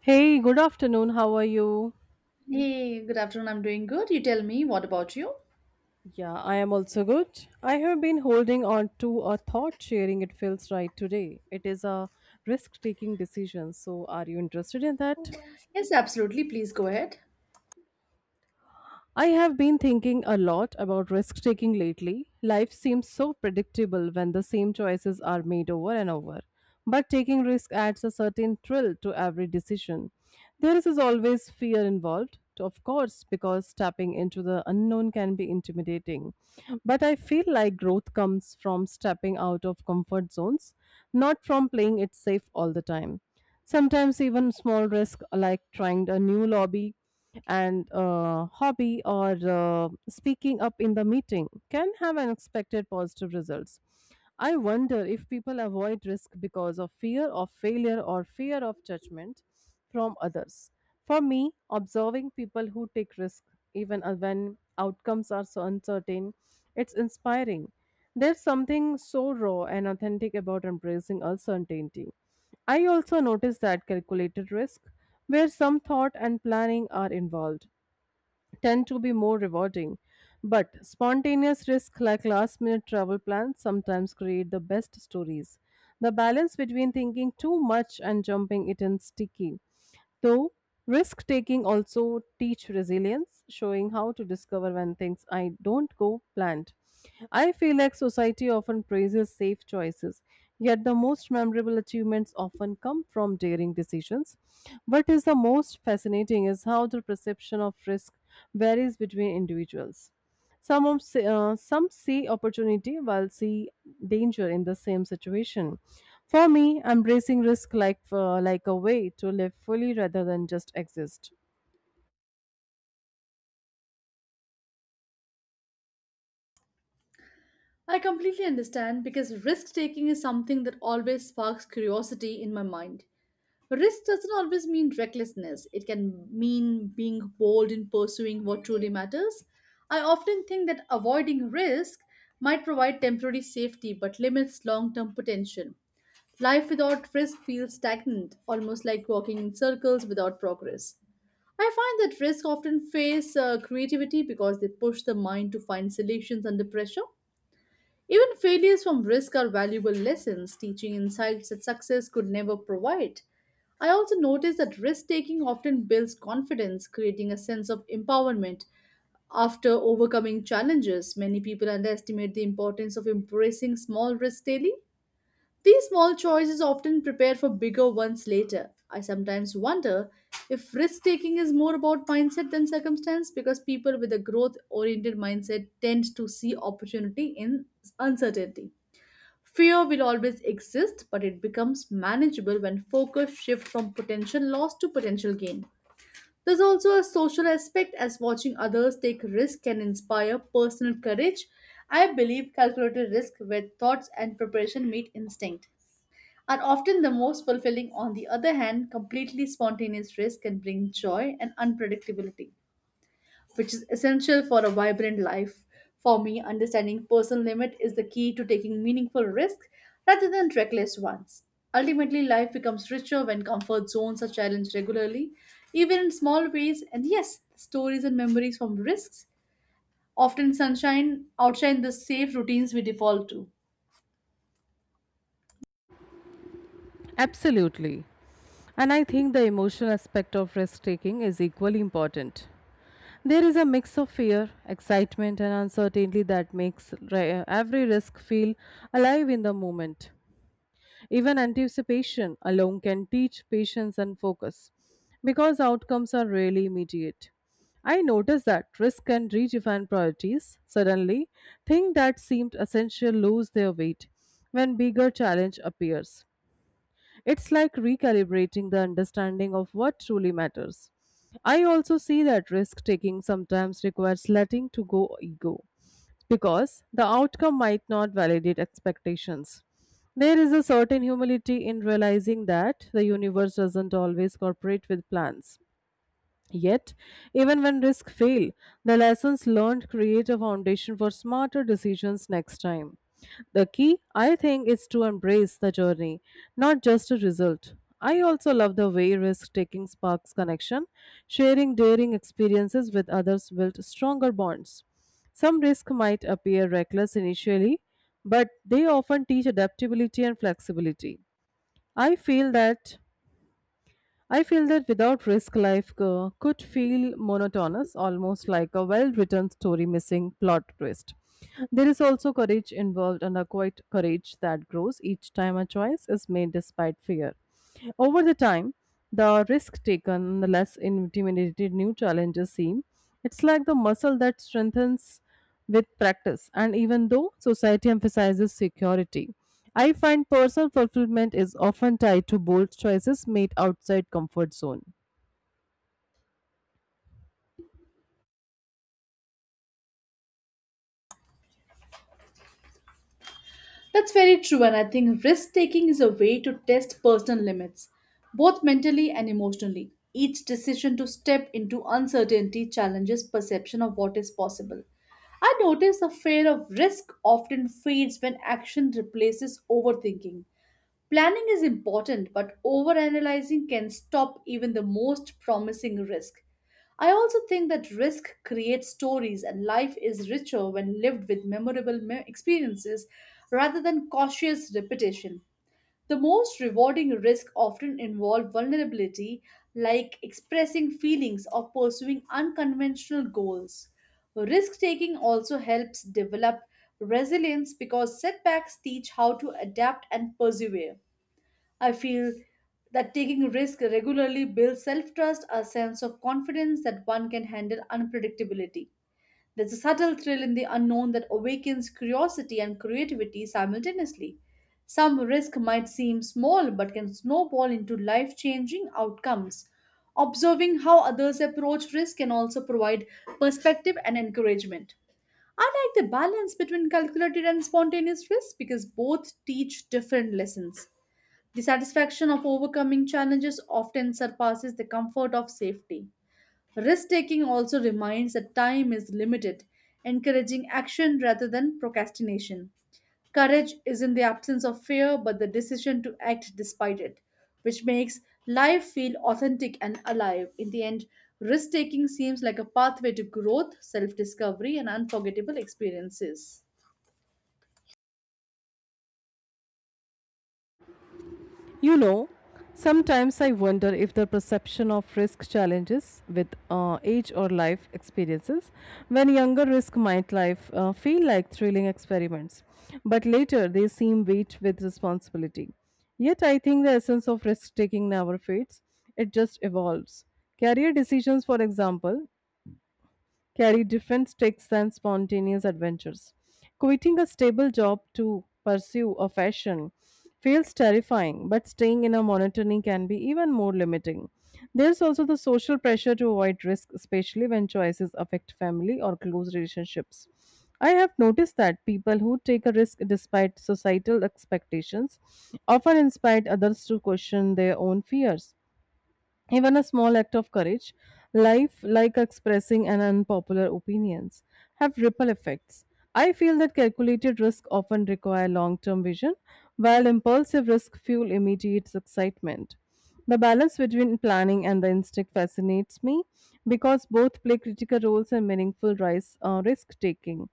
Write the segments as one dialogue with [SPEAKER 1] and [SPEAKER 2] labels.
[SPEAKER 1] Hey, good afternoon. How are you?
[SPEAKER 2] Hey, good afternoon. I'm doing good. You tell me, what about you?
[SPEAKER 1] Yeah, I am also good. I have been holding on to a thought sharing it feels right today. It is a risk taking decision. So, are you interested in that?
[SPEAKER 2] Yes, absolutely. Please go ahead.
[SPEAKER 1] I have been thinking a lot about risk taking lately. Life seems so predictable when the same choices are made over and over. But taking risk adds a certain thrill to every decision. There is always fear involved, of course, because stepping into the unknown can be intimidating. But I feel like growth comes from stepping out of comfort zones, not from playing it safe all the time. Sometimes even small risk like trying a new lobby and hobby or speaking up in the meeting can have unexpected positive results. I wonder if people avoid risk because of fear of failure or fear of judgment from others. For me, observing people who take risk even when outcomes are so uncertain, it's inspiring. There's something so raw and authentic about embracing uncertainty. I also noticed that calculated risk, where some thought and planning are involved, tend to be more rewarding. But spontaneous risk, like last minute travel plans, sometimes create the best stories. The balance between thinking too much and jumping it is sticky. Though risk taking also teach resilience, showing how to discover when things I don't go planned. I feel like society often praises safe choices, yet the most memorable achievements often come from daring decisions. What is the most fascinating is how the perception of risk varies between individuals. Some see opportunity while see danger in the same situation. For me, embracing risk like a way to live fully rather than just exist.
[SPEAKER 2] I completely understand because risk taking is something that always sparks curiosity in my mind. Risk doesn't always mean recklessness, it can mean being bold in pursuing what truly matters. I often think that avoiding risk might provide temporary safety but limits long term potential. Life without risk feels stagnant, almost like walking in circles without progress. I find that risks often face creativity because they push the mind to find solutions under pressure. Even failures from risk are valuable lessons, teaching insights that success could never provide. I also notice that risk taking often builds confidence, creating a sense of empowerment. After overcoming challenges, many people underestimate the importance of embracing small risks daily. These small choices often prepare for bigger ones later. I sometimes wonder if risk taking is more about mindset than circumstance because people with a growth oriented mindset tend to see opportunity in uncertainty. Fear will always exist, but it becomes manageable when focus shifts from potential loss to potential gain. There's also a social aspect as watching others take risk can inspire personal courage. I believe calculated risk where thoughts and preparation meet instinct are often the most fulfilling. On the other hand, completely spontaneous race can bring joy and unpredictability, which is essential for a vibrant life. For me, understanding personal limit is the key to taking meaningful risks rather than reckless ones. Ultimately, life becomes richer when comfort zones are challenged regularly, even in small ways. And yes, stories and memories from risks often sunshine outshine the safe routines we default to.
[SPEAKER 1] Absolutely. And I think the emotional aspect of risk taking is equally important. There is a mix of fear, excitement, and uncertainty that makes every risk feel alive in the moment. Even anticipation alone can teach patience and focus because outcomes are rarely immediate. I noticed that risk can redefine priorities. Suddenly, things that seemed essential lose their weight when bigger challenge appears. It's like recalibrating the understanding of what truly matters. I also see that risk taking sometimes requires letting to go ego because the outcome might not validate expectations. There is a certain humility in realizing that the universe doesn't always cooperate with plans. Yet, even when risks fail, the lessons learned create a foundation for smarter decisions next time. The key, I think, is to embrace the journey, not just a result. I also love the way risk taking sparks connection. Sharing daring experiences with others builds stronger bonds. Some risk might appear reckless initially, but they often teach adaptability and flexibility. I feel that I feel that without risk, life could feel monotonous, almost like a well written story missing plot twist. There is also courage involved and a quiet courage that grows each time a choice is made despite fear. Over the time, the risk taken, the less intimidated new challenges seem. It's like the muscle that strengthens with practice. And even though society emphasizes security, I find personal fulfillment is often tied to bold choices made outside comfort zone.
[SPEAKER 2] That's very true, and I think risk taking is a way to test personal limits, both mentally and emotionally. Each decision to step into uncertainty challenges perception of what is possible. I notice the fear of risk often fades when action replaces overthinking. Planning is important, but overanalyzing can stop even the most promising risk. I also think that risk creates stories, and life is richer when lived with memorable experiences rather than cautious repetition. The most rewarding risks often involve vulnerability, like expressing feelings or pursuing unconventional goals. Risk taking also helps develop resilience because setbacks teach how to adapt and persevere. I feel that taking risk regularly builds self-trust, a sense of confidence that one can handle unpredictability. There's a subtle thrill in the unknown that awakens curiosity and creativity simultaneously. Some risk might seem small but can snowball into life-changing outcomes. Observing how others approach risk can also provide perspective and encouragement. I like the balance between calculated and spontaneous risk because both teach different lessons. The satisfaction of overcoming challenges often surpasses the comfort of safety. Risk taking also reminds that time is limited, encouraging action rather than procrastination. Courage is in the absence of fear, but the decision to act despite it, which makes life feel authentic and alive. In the end, risk taking seems like a pathway to growth, self discovery, and unforgettable experiences.
[SPEAKER 1] You know, sometimes I wonder if the perception of risk challenges with age or life experiences. When younger, risk might life feel like thrilling experiments, but later they seem weight with responsibility. Yet I think the essence of risk taking never fades; it just evolves. Career decisions, for example, carry different stakes than spontaneous adventures. Quitting a stable job to pursue a fashion feels terrifying, but staying in a monotony can be even more limiting. There's also the social pressure to avoid risk, especially when choices affect family or close relationships. I have noticed that people who take a risk despite societal expectations often inspire others to question their own fears. Even a small act of courage, life like expressing an unpopular opinions, have ripple effects. I feel that calculated risk often require long-term vision, while impulsive risk fuel immediate excitement. The balance between planning and the instinct fascinates me because both play critical roles in meaningful risk-taking.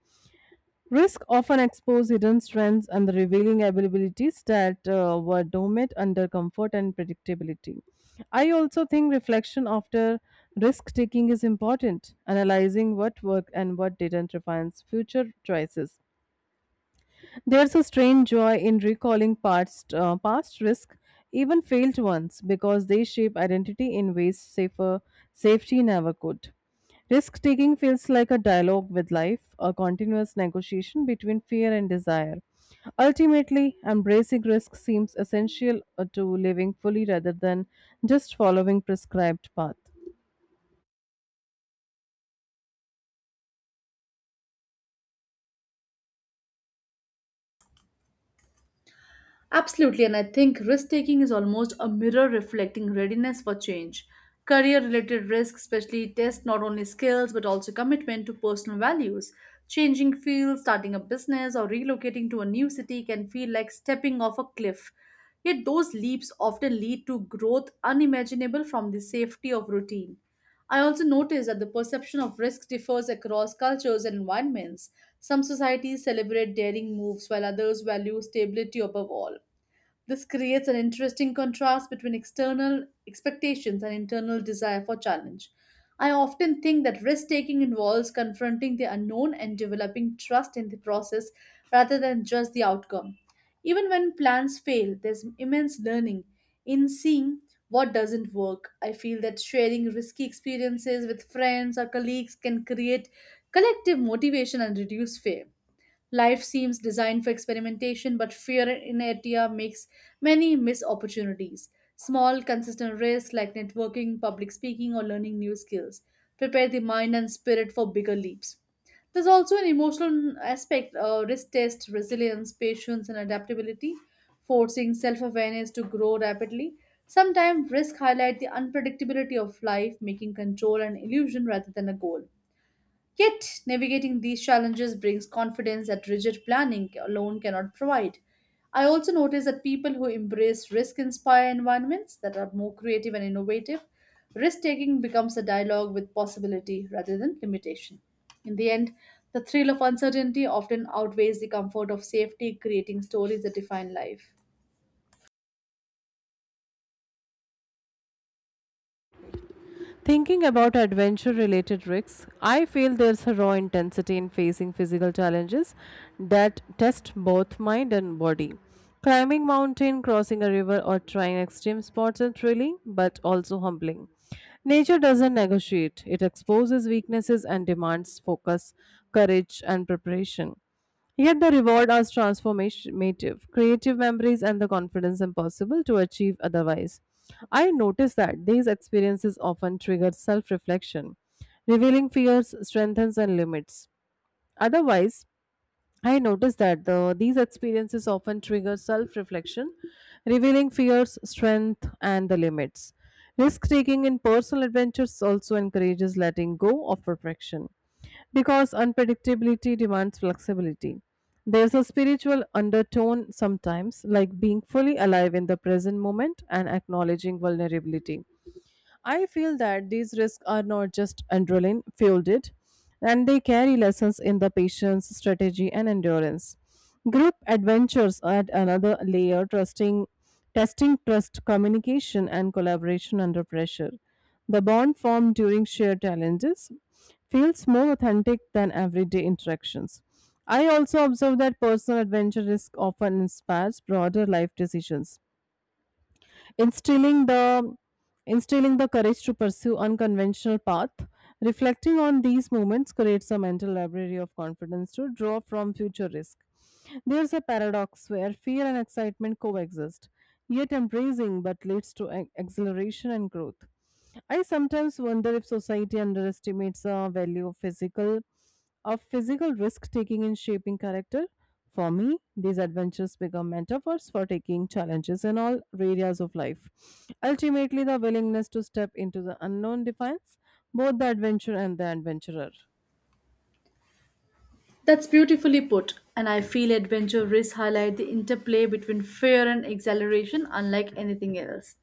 [SPEAKER 1] Risk often expose hidden strengths and the revealing abilities that were dormant under comfort and predictability. I also think reflection after risk taking is important. Analyzing what worked and what didn't refines future choices. There's a strange joy in recalling past risk, even failed ones, because they shape identity in ways safer safety never could. Risk taking feels like a dialogue with life, a continuous negotiation between fear and desire. Ultimately, embracing risk seems essential to living fully rather than just following prescribed path.
[SPEAKER 2] Absolutely, and I think risk taking is almost a mirror reflecting readiness for change. Career related risks, especially, test not only skills but also commitment to personal values. Changing fields, starting a business, or relocating to a new city can feel like stepping off a cliff. Yet, those leaps often lead to growth unimaginable from the safety of routine. I also noticed that the perception of risk differs across cultures and environments. Some societies celebrate daring moves while others value stability above all. This creates an interesting contrast between external expectations and internal desire for challenge. I often think that risk taking involves confronting the unknown and developing trust in the process rather than just the outcome. Even when plans fail, there's immense learning in seeing what doesn't work. I feel that sharing risky experiences with friends or colleagues can create collective motivation and reduce fear. Life seems designed for experimentation, but fear in inertia makes many miss opportunities. Small, consistent risks like networking, public speaking, or learning new skills prepare the mind and spirit for bigger leaps. There's also an emotional aspect risk test, resilience, patience, and adaptability, forcing self awareness to grow rapidly. Sometimes risk highlight the unpredictability of life, making control an illusion rather than a goal. Yet, navigating these challenges brings confidence that rigid planning alone cannot provide. I also notice that people who embrace risk inspire environments that are more creative and innovative. Risk taking becomes a dialogue with possibility rather than limitation. In the end, the thrill of uncertainty often outweighs the comfort of safety, creating stories that define life.
[SPEAKER 1] Thinking about adventure related risks, I feel there's a raw intensity in facing physical challenges that test both mind and body. Climbing mountain, crossing a river, or trying extreme sports are thrilling but also humbling. Nature doesn't negotiate, it exposes weaknesses and demands focus, courage, and preparation. Yet the reward is transformative, creative memories, and the confidence impossible to achieve otherwise. I notice that these experiences often trigger self reflection, revealing fears, strengths, and limits. Otherwise, I noticed that these experiences often trigger self reflection, revealing fears, strength, and the limits. Risk taking in personal adventures also encourages letting go of perfection because unpredictability demands flexibility. There's a spiritual undertone sometimes, like being fully alive in the present moment and acknowledging vulnerability. I feel that these risks are not just adrenaline fueled, and they carry lessons in the patience, strategy, and endurance. Group adventures add another layer, trusting, testing trust, communication, and collaboration under pressure. The bond formed during shared challenges feels more authentic than everyday interactions. I also observe that personal adventure risk often inspires broader life decisions instilling the instilling the courage to pursue unconventional path reflecting on these moments creates a mental library of confidence to draw from future risk there's a paradox where fear and excitement coexist yet embracing but leads to exhilaration and growth I sometimes wonder if society underestimates the value of physical risk taking in shaping character for me, these adventures become metaphors for taking challenges in all areas of life. Ultimately, the willingness to step into the unknown defines both the adventure and the adventurer.
[SPEAKER 2] That's beautifully put, and I feel adventure risks highlight the interplay between fear and exhilaration unlike anything else.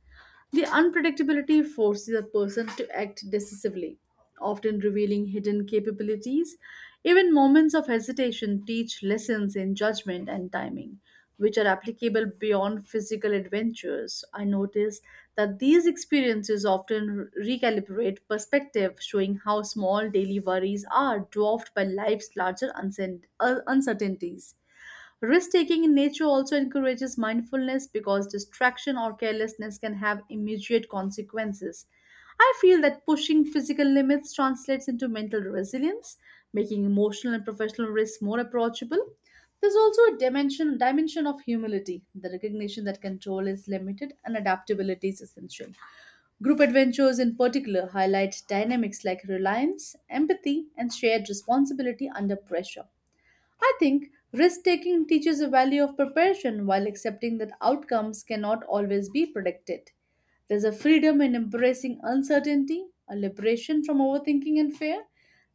[SPEAKER 2] The unpredictability forces a person to act decisively, often revealing hidden capabilities. Even moments of hesitation teach lessons in judgment and timing which are applicable beyond physical adventures. I notice that these experiences often recalibrate perspective, showing how small daily worries are dwarfed by life's larger uncertainties. Risk taking in nature also encourages mindfulness because distraction or carelessness can have immediate consequences. I feel that pushing physical limits translates into mental resilience, making emotional and professional risks more approachable. There's also a dimension of humility, the recognition that control is limited and adaptability is essential. Group adventures in particular highlight dynamics like reliance, empathy, and shared responsibility under pressure. I think risk taking teaches the value of preparation while accepting that outcomes cannot always be predicted. There's a freedom in embracing uncertainty, a liberation from overthinking and fear.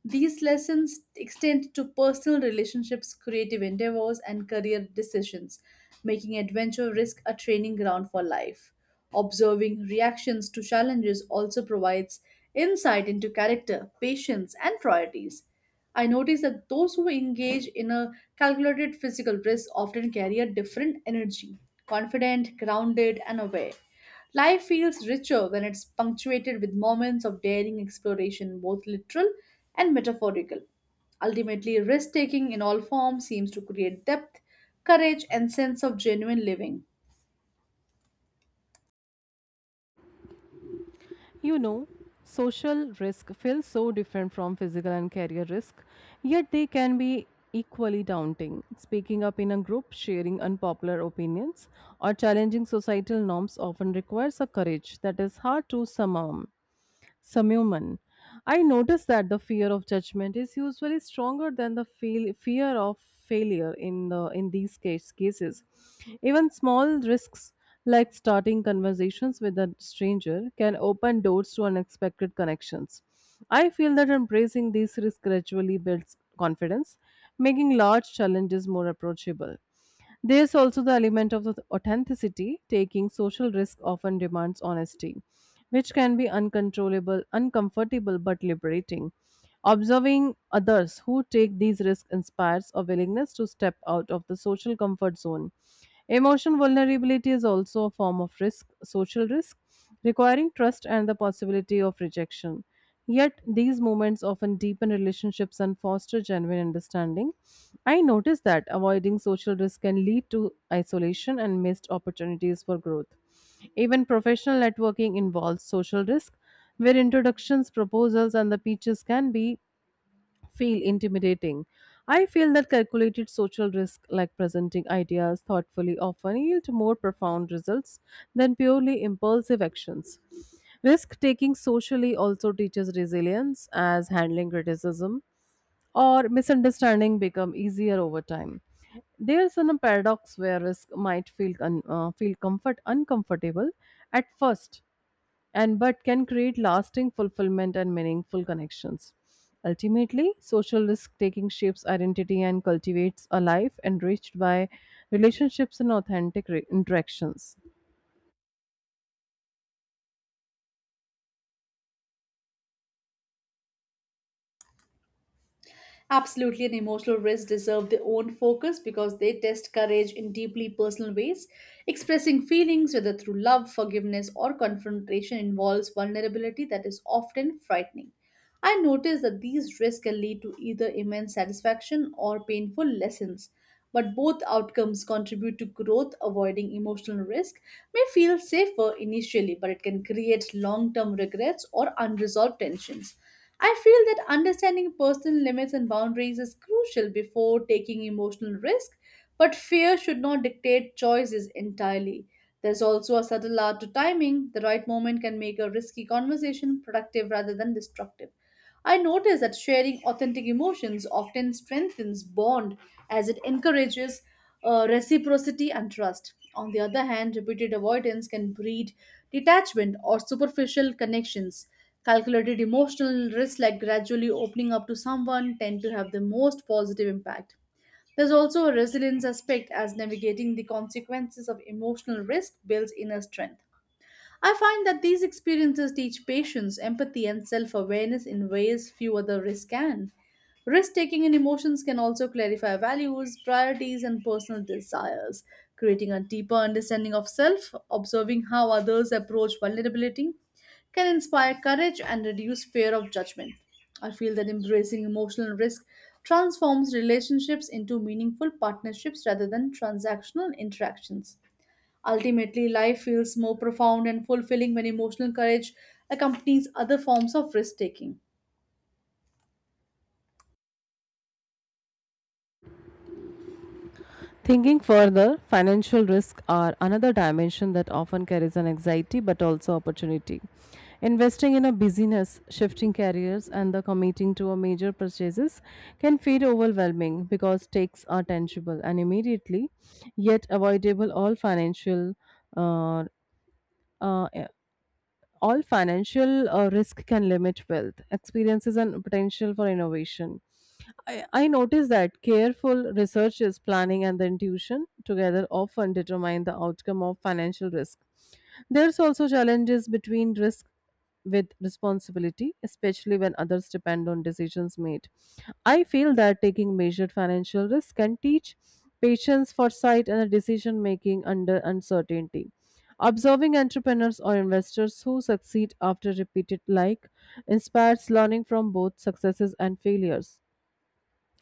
[SPEAKER 2] These lessons extend to personal relationships, creative endeavors, and career decisions, making adventure risk a training ground for life. Observing reactions to challenges also provides insight into character, patience, and priorities. I notice that those who engage in a calculated physical risk often carry a different energy, confident, grounded, and aware. Life feels richer when it's punctuated with moments of daring exploration, both literal and metaphorical. Ultimately, risk taking in all forms seems to create depth, courage, and sense of genuine living.
[SPEAKER 1] You know, social risk feels so different from physical and career risk, yet they can be equally daunting. Speaking up in a group, sharing unpopular opinions, or challenging societal norms often requires a courage that is hard to summon Samuman. I noticed that the fear of judgment is usually stronger than the fear of failure in the in these cases. Even small risks like starting conversations with a stranger can open doors to unexpected connections. I feel that embracing these risks gradually builds confidence, making large challenges more approachable. There's also the element of the authenticity. Taking social risk often demands honesty, which can be uncontrollable, uncomfortable, but liberating. Observing others who take these risks inspires a willingness to step out of the social comfort zone. Emotional vulnerability is also a form of risk, social risk, requiring trust and the possibility of rejection. Yet, these moments often deepen relationships and foster genuine understanding. I noticed that avoiding social risk can lead to isolation and missed opportunities for growth. Even professional networking involves social risk, where introductions, proposals, and the pitches can be feel intimidating. I feel that calculated social risk, like presenting ideas thoughtfully, often yield more profound results than purely impulsive actions. Risk taking socially also teaches resilience, as handling criticism or misunderstanding become easier over time. There's a paradox where risk might feel comfort uncomfortable at first, and but can create lasting fulfillment and meaningful connections. Ultimately, social risk taking shapes identity and cultivates a life enriched by relationships and authentic interactions.
[SPEAKER 2] Absolutely, and emotional risks deserve their own focus because they test courage in deeply personal ways. Expressing feelings, whether through love, forgiveness, or confrontation, involves vulnerability that is often frightening. I notice that these risks can lead to either immense satisfaction or painful lessons. But both outcomes contribute to growth, avoiding emotional risk may feel safer initially, but it can create long term regrets or unresolved tensions. I feel that understanding personal limits and boundaries is crucial before taking emotional risk, but fear should not dictate choices entirely. There's also a subtle art to timing. The right moment can make a risky conversation productive rather than destructive. I notice that sharing authentic emotions often strengthens bond as it encourages reciprocity and trust. On the other hand, repeated avoidance can breed detachment or superficial connections. Calculated emotional risks, like gradually opening up to someone, tend to have the most positive impact. There's also a resilience aspect as navigating the consequences of emotional risk builds inner strength. I find that these experiences teach patience, empathy, and self awareness in ways few other risks can. Risk taking in emotions can also clarify values, priorities, and personal desires, creating a deeper understanding of self, observing how others approach vulnerability, can inspire courage and reduce fear of judgment. I feel that embracing emotional risk transforms relationships into meaningful partnerships rather than transactional interactions. Ultimately, life feels more profound and fulfilling when emotional courage accompanies other forms of risk taking.
[SPEAKER 1] Thinking further, financial risks are another dimension that often carries an anxiety but also opportunity. Investing in a business, shifting careers, and the committing to a major purchases can feel overwhelming because stakes are tangible and immediately, yet avoidable uh, uh, all financial risk can limit wealth, experiences, and potential for innovation. I notice that careful research is planning and the intuition together often determine the outcome of financial risk. There's also challenges between risk with responsibility, especially when others depend on decisions made. I feel that taking measured financial risk can teach patience, foresight, and decision making under uncertainty. Observing entrepreneurs or investors who succeed after repeated like inspires learning from both successes and failures.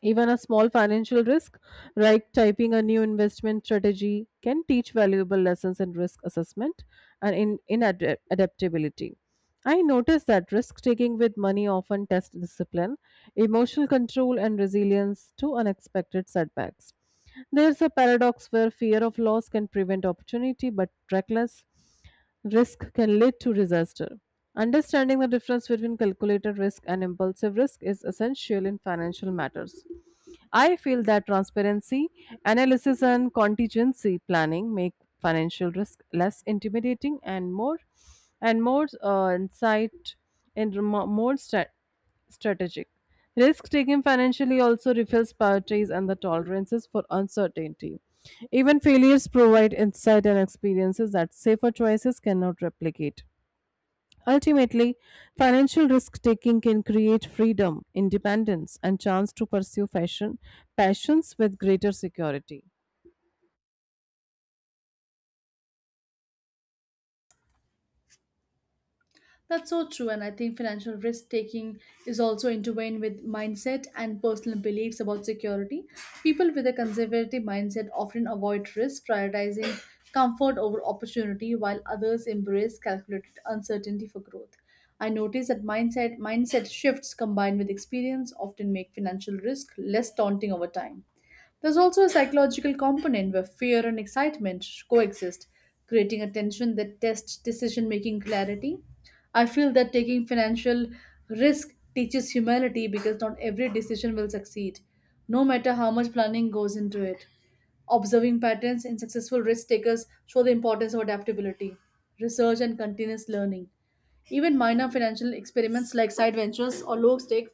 [SPEAKER 1] Even a small financial risk, like typing a new investment strategy, can teach valuable lessons in risk assessment and in adaptability. I noticed that risk taking with money often tests discipline, emotional control, and resilience to unexpected setbacks. There's a paradox where fear of loss can prevent opportunity, but reckless risk can lead to disaster. Understanding the difference between calculated risk and impulsive risk is essential in financial matters. I feel that transparency, analysis, and contingency planning make financial risk less intimidating and more insight and remo- more stra- strategic. Risk taking financially also reveals priorities and the tolerances for uncertainty. Even failures provide insight and experiences that safer choices cannot replicate. Ultimately, financial risk taking can create freedom, independence, and chance to pursue fashion passions with greater security.
[SPEAKER 2] That's so true, and I think financial risk taking is also intertwined with mindset and personal beliefs about security. People with a conservative mindset often avoid risk, prioritizing comfort over opportunity, while others embrace calculated uncertainty for growth. I notice that mindset shifts combined with experience often make financial risk less daunting over time. There's also a psychological component where fear and excitement coexist, creating a tension that tests decision making clarity. I feel that taking financial risk teaches humility because not every decision will succeed, no matter how much planning goes into it. Observing patterns in successful risk takers show the importance of adaptability, research, and continuous learning. Even minor financial experiments like side ventures or low stake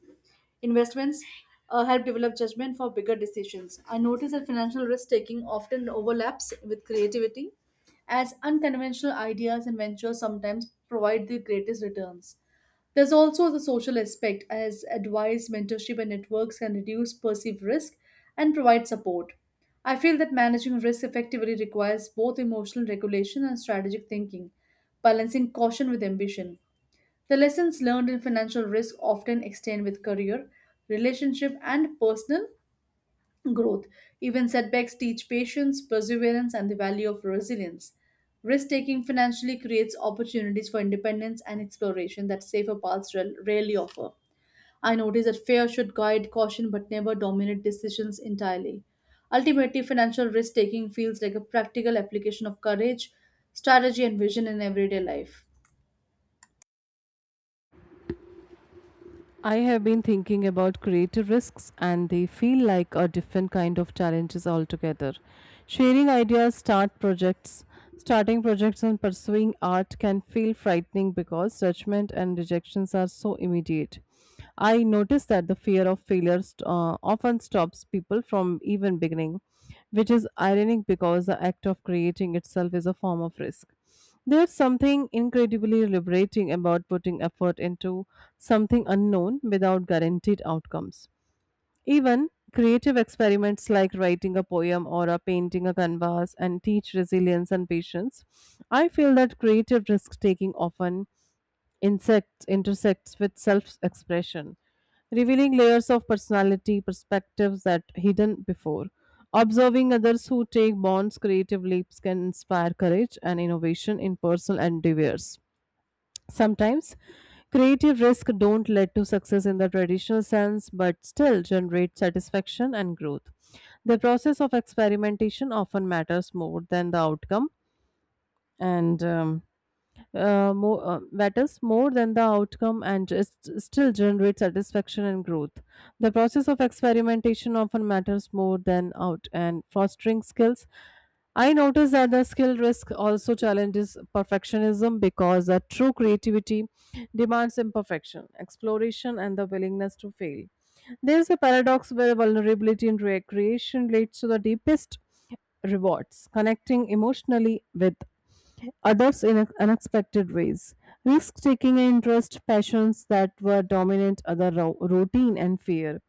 [SPEAKER 2] investments help develop judgment for bigger decisions. I notice that financial risk taking often overlaps with creativity, as unconventional ideas and ventures sometimes provide the greatest returns. There's also the social aspect, as advice, mentorship, and networks can reduce perceived risk and provide support. I feel that managing risk effectively requires both emotional regulation and strategic thinking, balancing caution with ambition. The lessons learned in financial risk often extend with career, relationship, and personal growth. Even setbacks teach patience, perseverance, and the value of resilience. Risk taking financially creates opportunities for independence and exploration that safer paths rarely offer. I notice that fear should guide caution but never dominate decisions entirely. Ultimately, financial risk taking feels like a practical application of courage, strategy, and vision in everyday life.
[SPEAKER 1] I have been thinking about creative risks, and they feel like a different kind of challenges altogether. Sharing ideas, starting projects, and pursuing art can feel frightening because judgment and rejections are so immediate. I notice that the fear of failure often stops people from even beginning, which is ironic because the act of creating itself is a form of risk. There's something incredibly liberating about putting effort into something unknown without guaranteed outcomes. Even creative experiments like writing a poem or a painting a canvas and teach resilience and patience. I feel that creative risk taking often insects intersects with self-expression, revealing layers of personality perspectives that hidden before. Observing others who take bonds, creative leaps can inspire courage and innovation in personal endeavors. Sometimes creative risk don't lead to success in the traditional sense but still generate satisfaction and growth. The process of experimentation often matters more than the outcome and more, matters more than the outcome and just still generate satisfaction and growth. The process of experimentation often matters more than out and fostering skills. I notice that the skill risk also challenges perfectionism because a true creativity demands imperfection, exploration, and the willingness to fail. There is a paradox where vulnerability in recreation leads to the deepest rewards, connecting emotionally with others in unexpected ways. Risk taking and interest, passions that were dominant, routine and fear.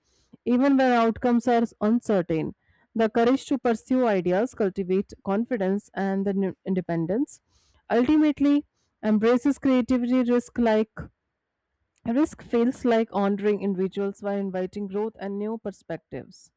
[SPEAKER 1] Even when outcomes are uncertain, the courage to pursue ideas, cultivate confidence and independence. Ultimately, embraces creativity risk like risk feels like honoring individuals while inviting growth and new perspectives.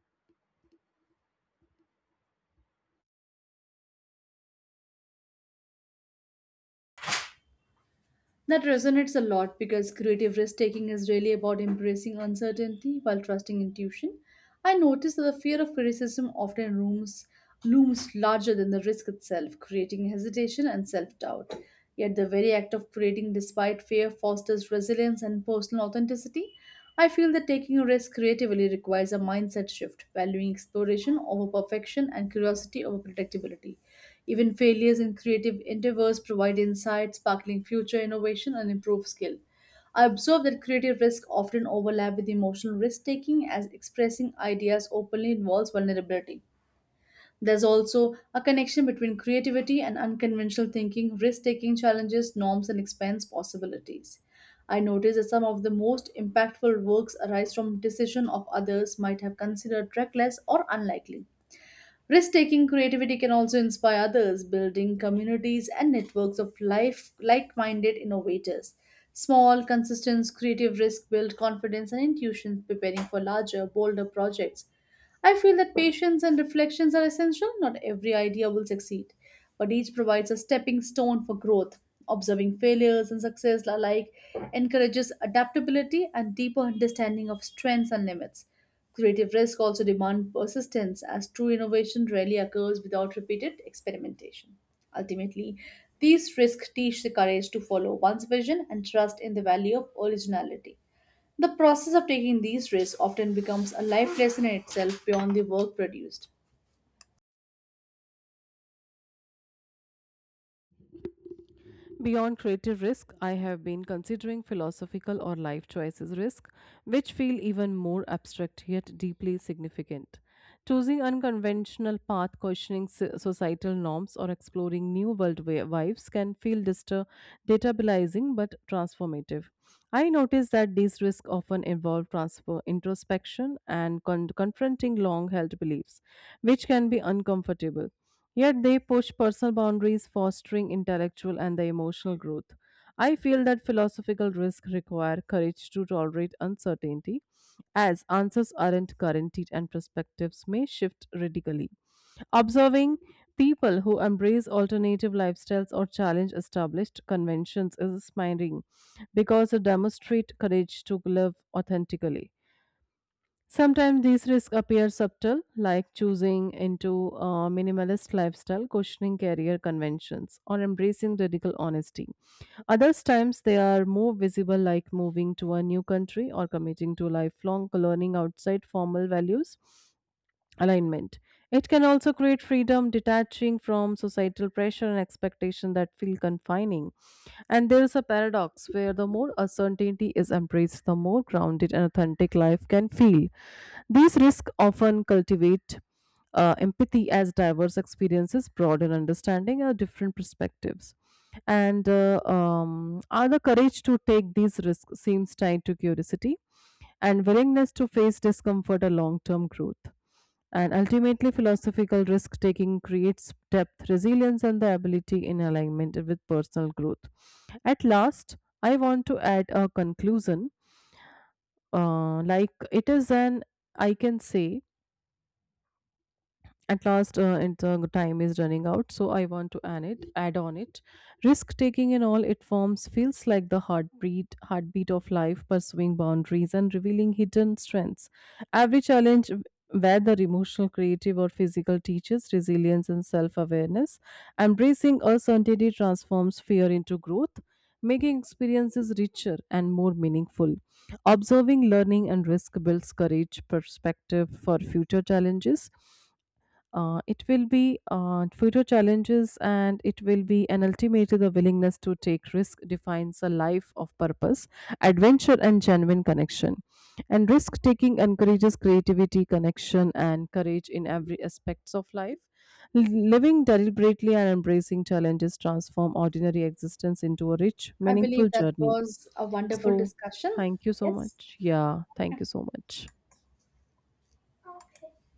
[SPEAKER 2] That resonates a lot because creative risk taking is really about embracing uncertainty while trusting intuition. I noticed that the fear of criticism often looms larger than the risk itself, creating hesitation and self doubt. Yet, the very act of creating despite fear fosters resilience and personal authenticity. I feel that taking a risk creatively requires a mindset shift, valuing exploration over perfection and curiosity over predictability. Even failures in creative endeavors provide insight, sparkling future innovation, and improved skill. I observe that creative risk often overlap with emotional risk taking as expressing ideas openly involves vulnerability. There's also a connection between creativity and unconventional thinking, risk taking challenges, norms, and expense possibilities. I noticed that some of the most impactful works arise from decision of others might have considered reckless or unlikely. Risk taking creativity can also inspire others, building communities and networks of life like minded innovators. Small, consistent, creative risk build confidence and intuition, preparing for larger, bolder projects. I feel that patience and reflections are essential. Not every idea will succeed, but each provides a stepping stone for growth. Observing failures and success alike encourages adaptability and deeper understanding of strengths and limits. Creative risk also demands persistence, as true innovation rarely occurs without repeated experimentation. Ultimately, these risks teach the courage to follow one's vision and trust in the value of originality. The process of taking these risks often becomes a life lesson in itself beyond the work produced.
[SPEAKER 1] Beyond creative risk, I have been considering philosophical or life choices risk, which feel even more abstract yet deeply significant. Choosing unconventional path, questioning societal norms, or exploring new vibes can feel destabilizing but transformative. I notice that these risks often involve transfer, introspection and confronting long held beliefs, which can be uncomfortable. Yet they push personal boundaries, fostering intellectual and the emotional growth. I feel that philosophical risks require courage to tolerate uncertainty, as answers aren't guaranteed and perspectives may shift radically. Observing people who embrace alternative lifestyles or challenge established conventions is inspiring because they demonstrate courage to live authentically. Sometimes these risks appear subtle, like choosing into a minimalist lifestyle, questioning career conventions, or embracing radical honesty. Others times they are more visible, like moving to a new country or committing to lifelong learning outside formal values alignment. It can also create freedom, detaching from societal pressure and expectation that feel confining. And there is a paradox where the more uncertainty is embraced, the more grounded and authentic life can feel. These risks often cultivate empathy as diverse experiences broaden understanding of different perspectives. And Are the courage to take these risks seems tied to curiosity and willingness to face discomfort or long term growth. And ultimately, philosophical risk taking creates depth, resilience, and the ability in alignment with personal growth. At last, I want to add a conclusion. Like it is an, I can say, At last, and the time is running out, so I want to add it. Add on it. Risk taking in all its forms feels like the heartbeat of life, pursuing boundaries and revealing hidden strengths. Every challenge, whether emotional, creative, or physical, teaches resilience and self-awareness. Embracing uncertainty transforms fear into growth, making experiences richer and more meaningful. Observing, learning, and risk builds courage, perspective for future challenges, and it will be, and ultimately the willingness to take risk defines a life of purpose, adventure, and genuine connection. And risk taking encourages creativity, connection, and courage in every aspects of life. Living deliberately and embracing challenges transform ordinary existence into a rich
[SPEAKER 2] I
[SPEAKER 1] meaningful
[SPEAKER 2] believe that
[SPEAKER 1] journey.
[SPEAKER 2] was a wonderful
[SPEAKER 1] So
[SPEAKER 2] discussion.
[SPEAKER 1] thank you so
[SPEAKER 2] Yes.
[SPEAKER 1] much. Yeah, thank
[SPEAKER 2] Okay.
[SPEAKER 1] you so much.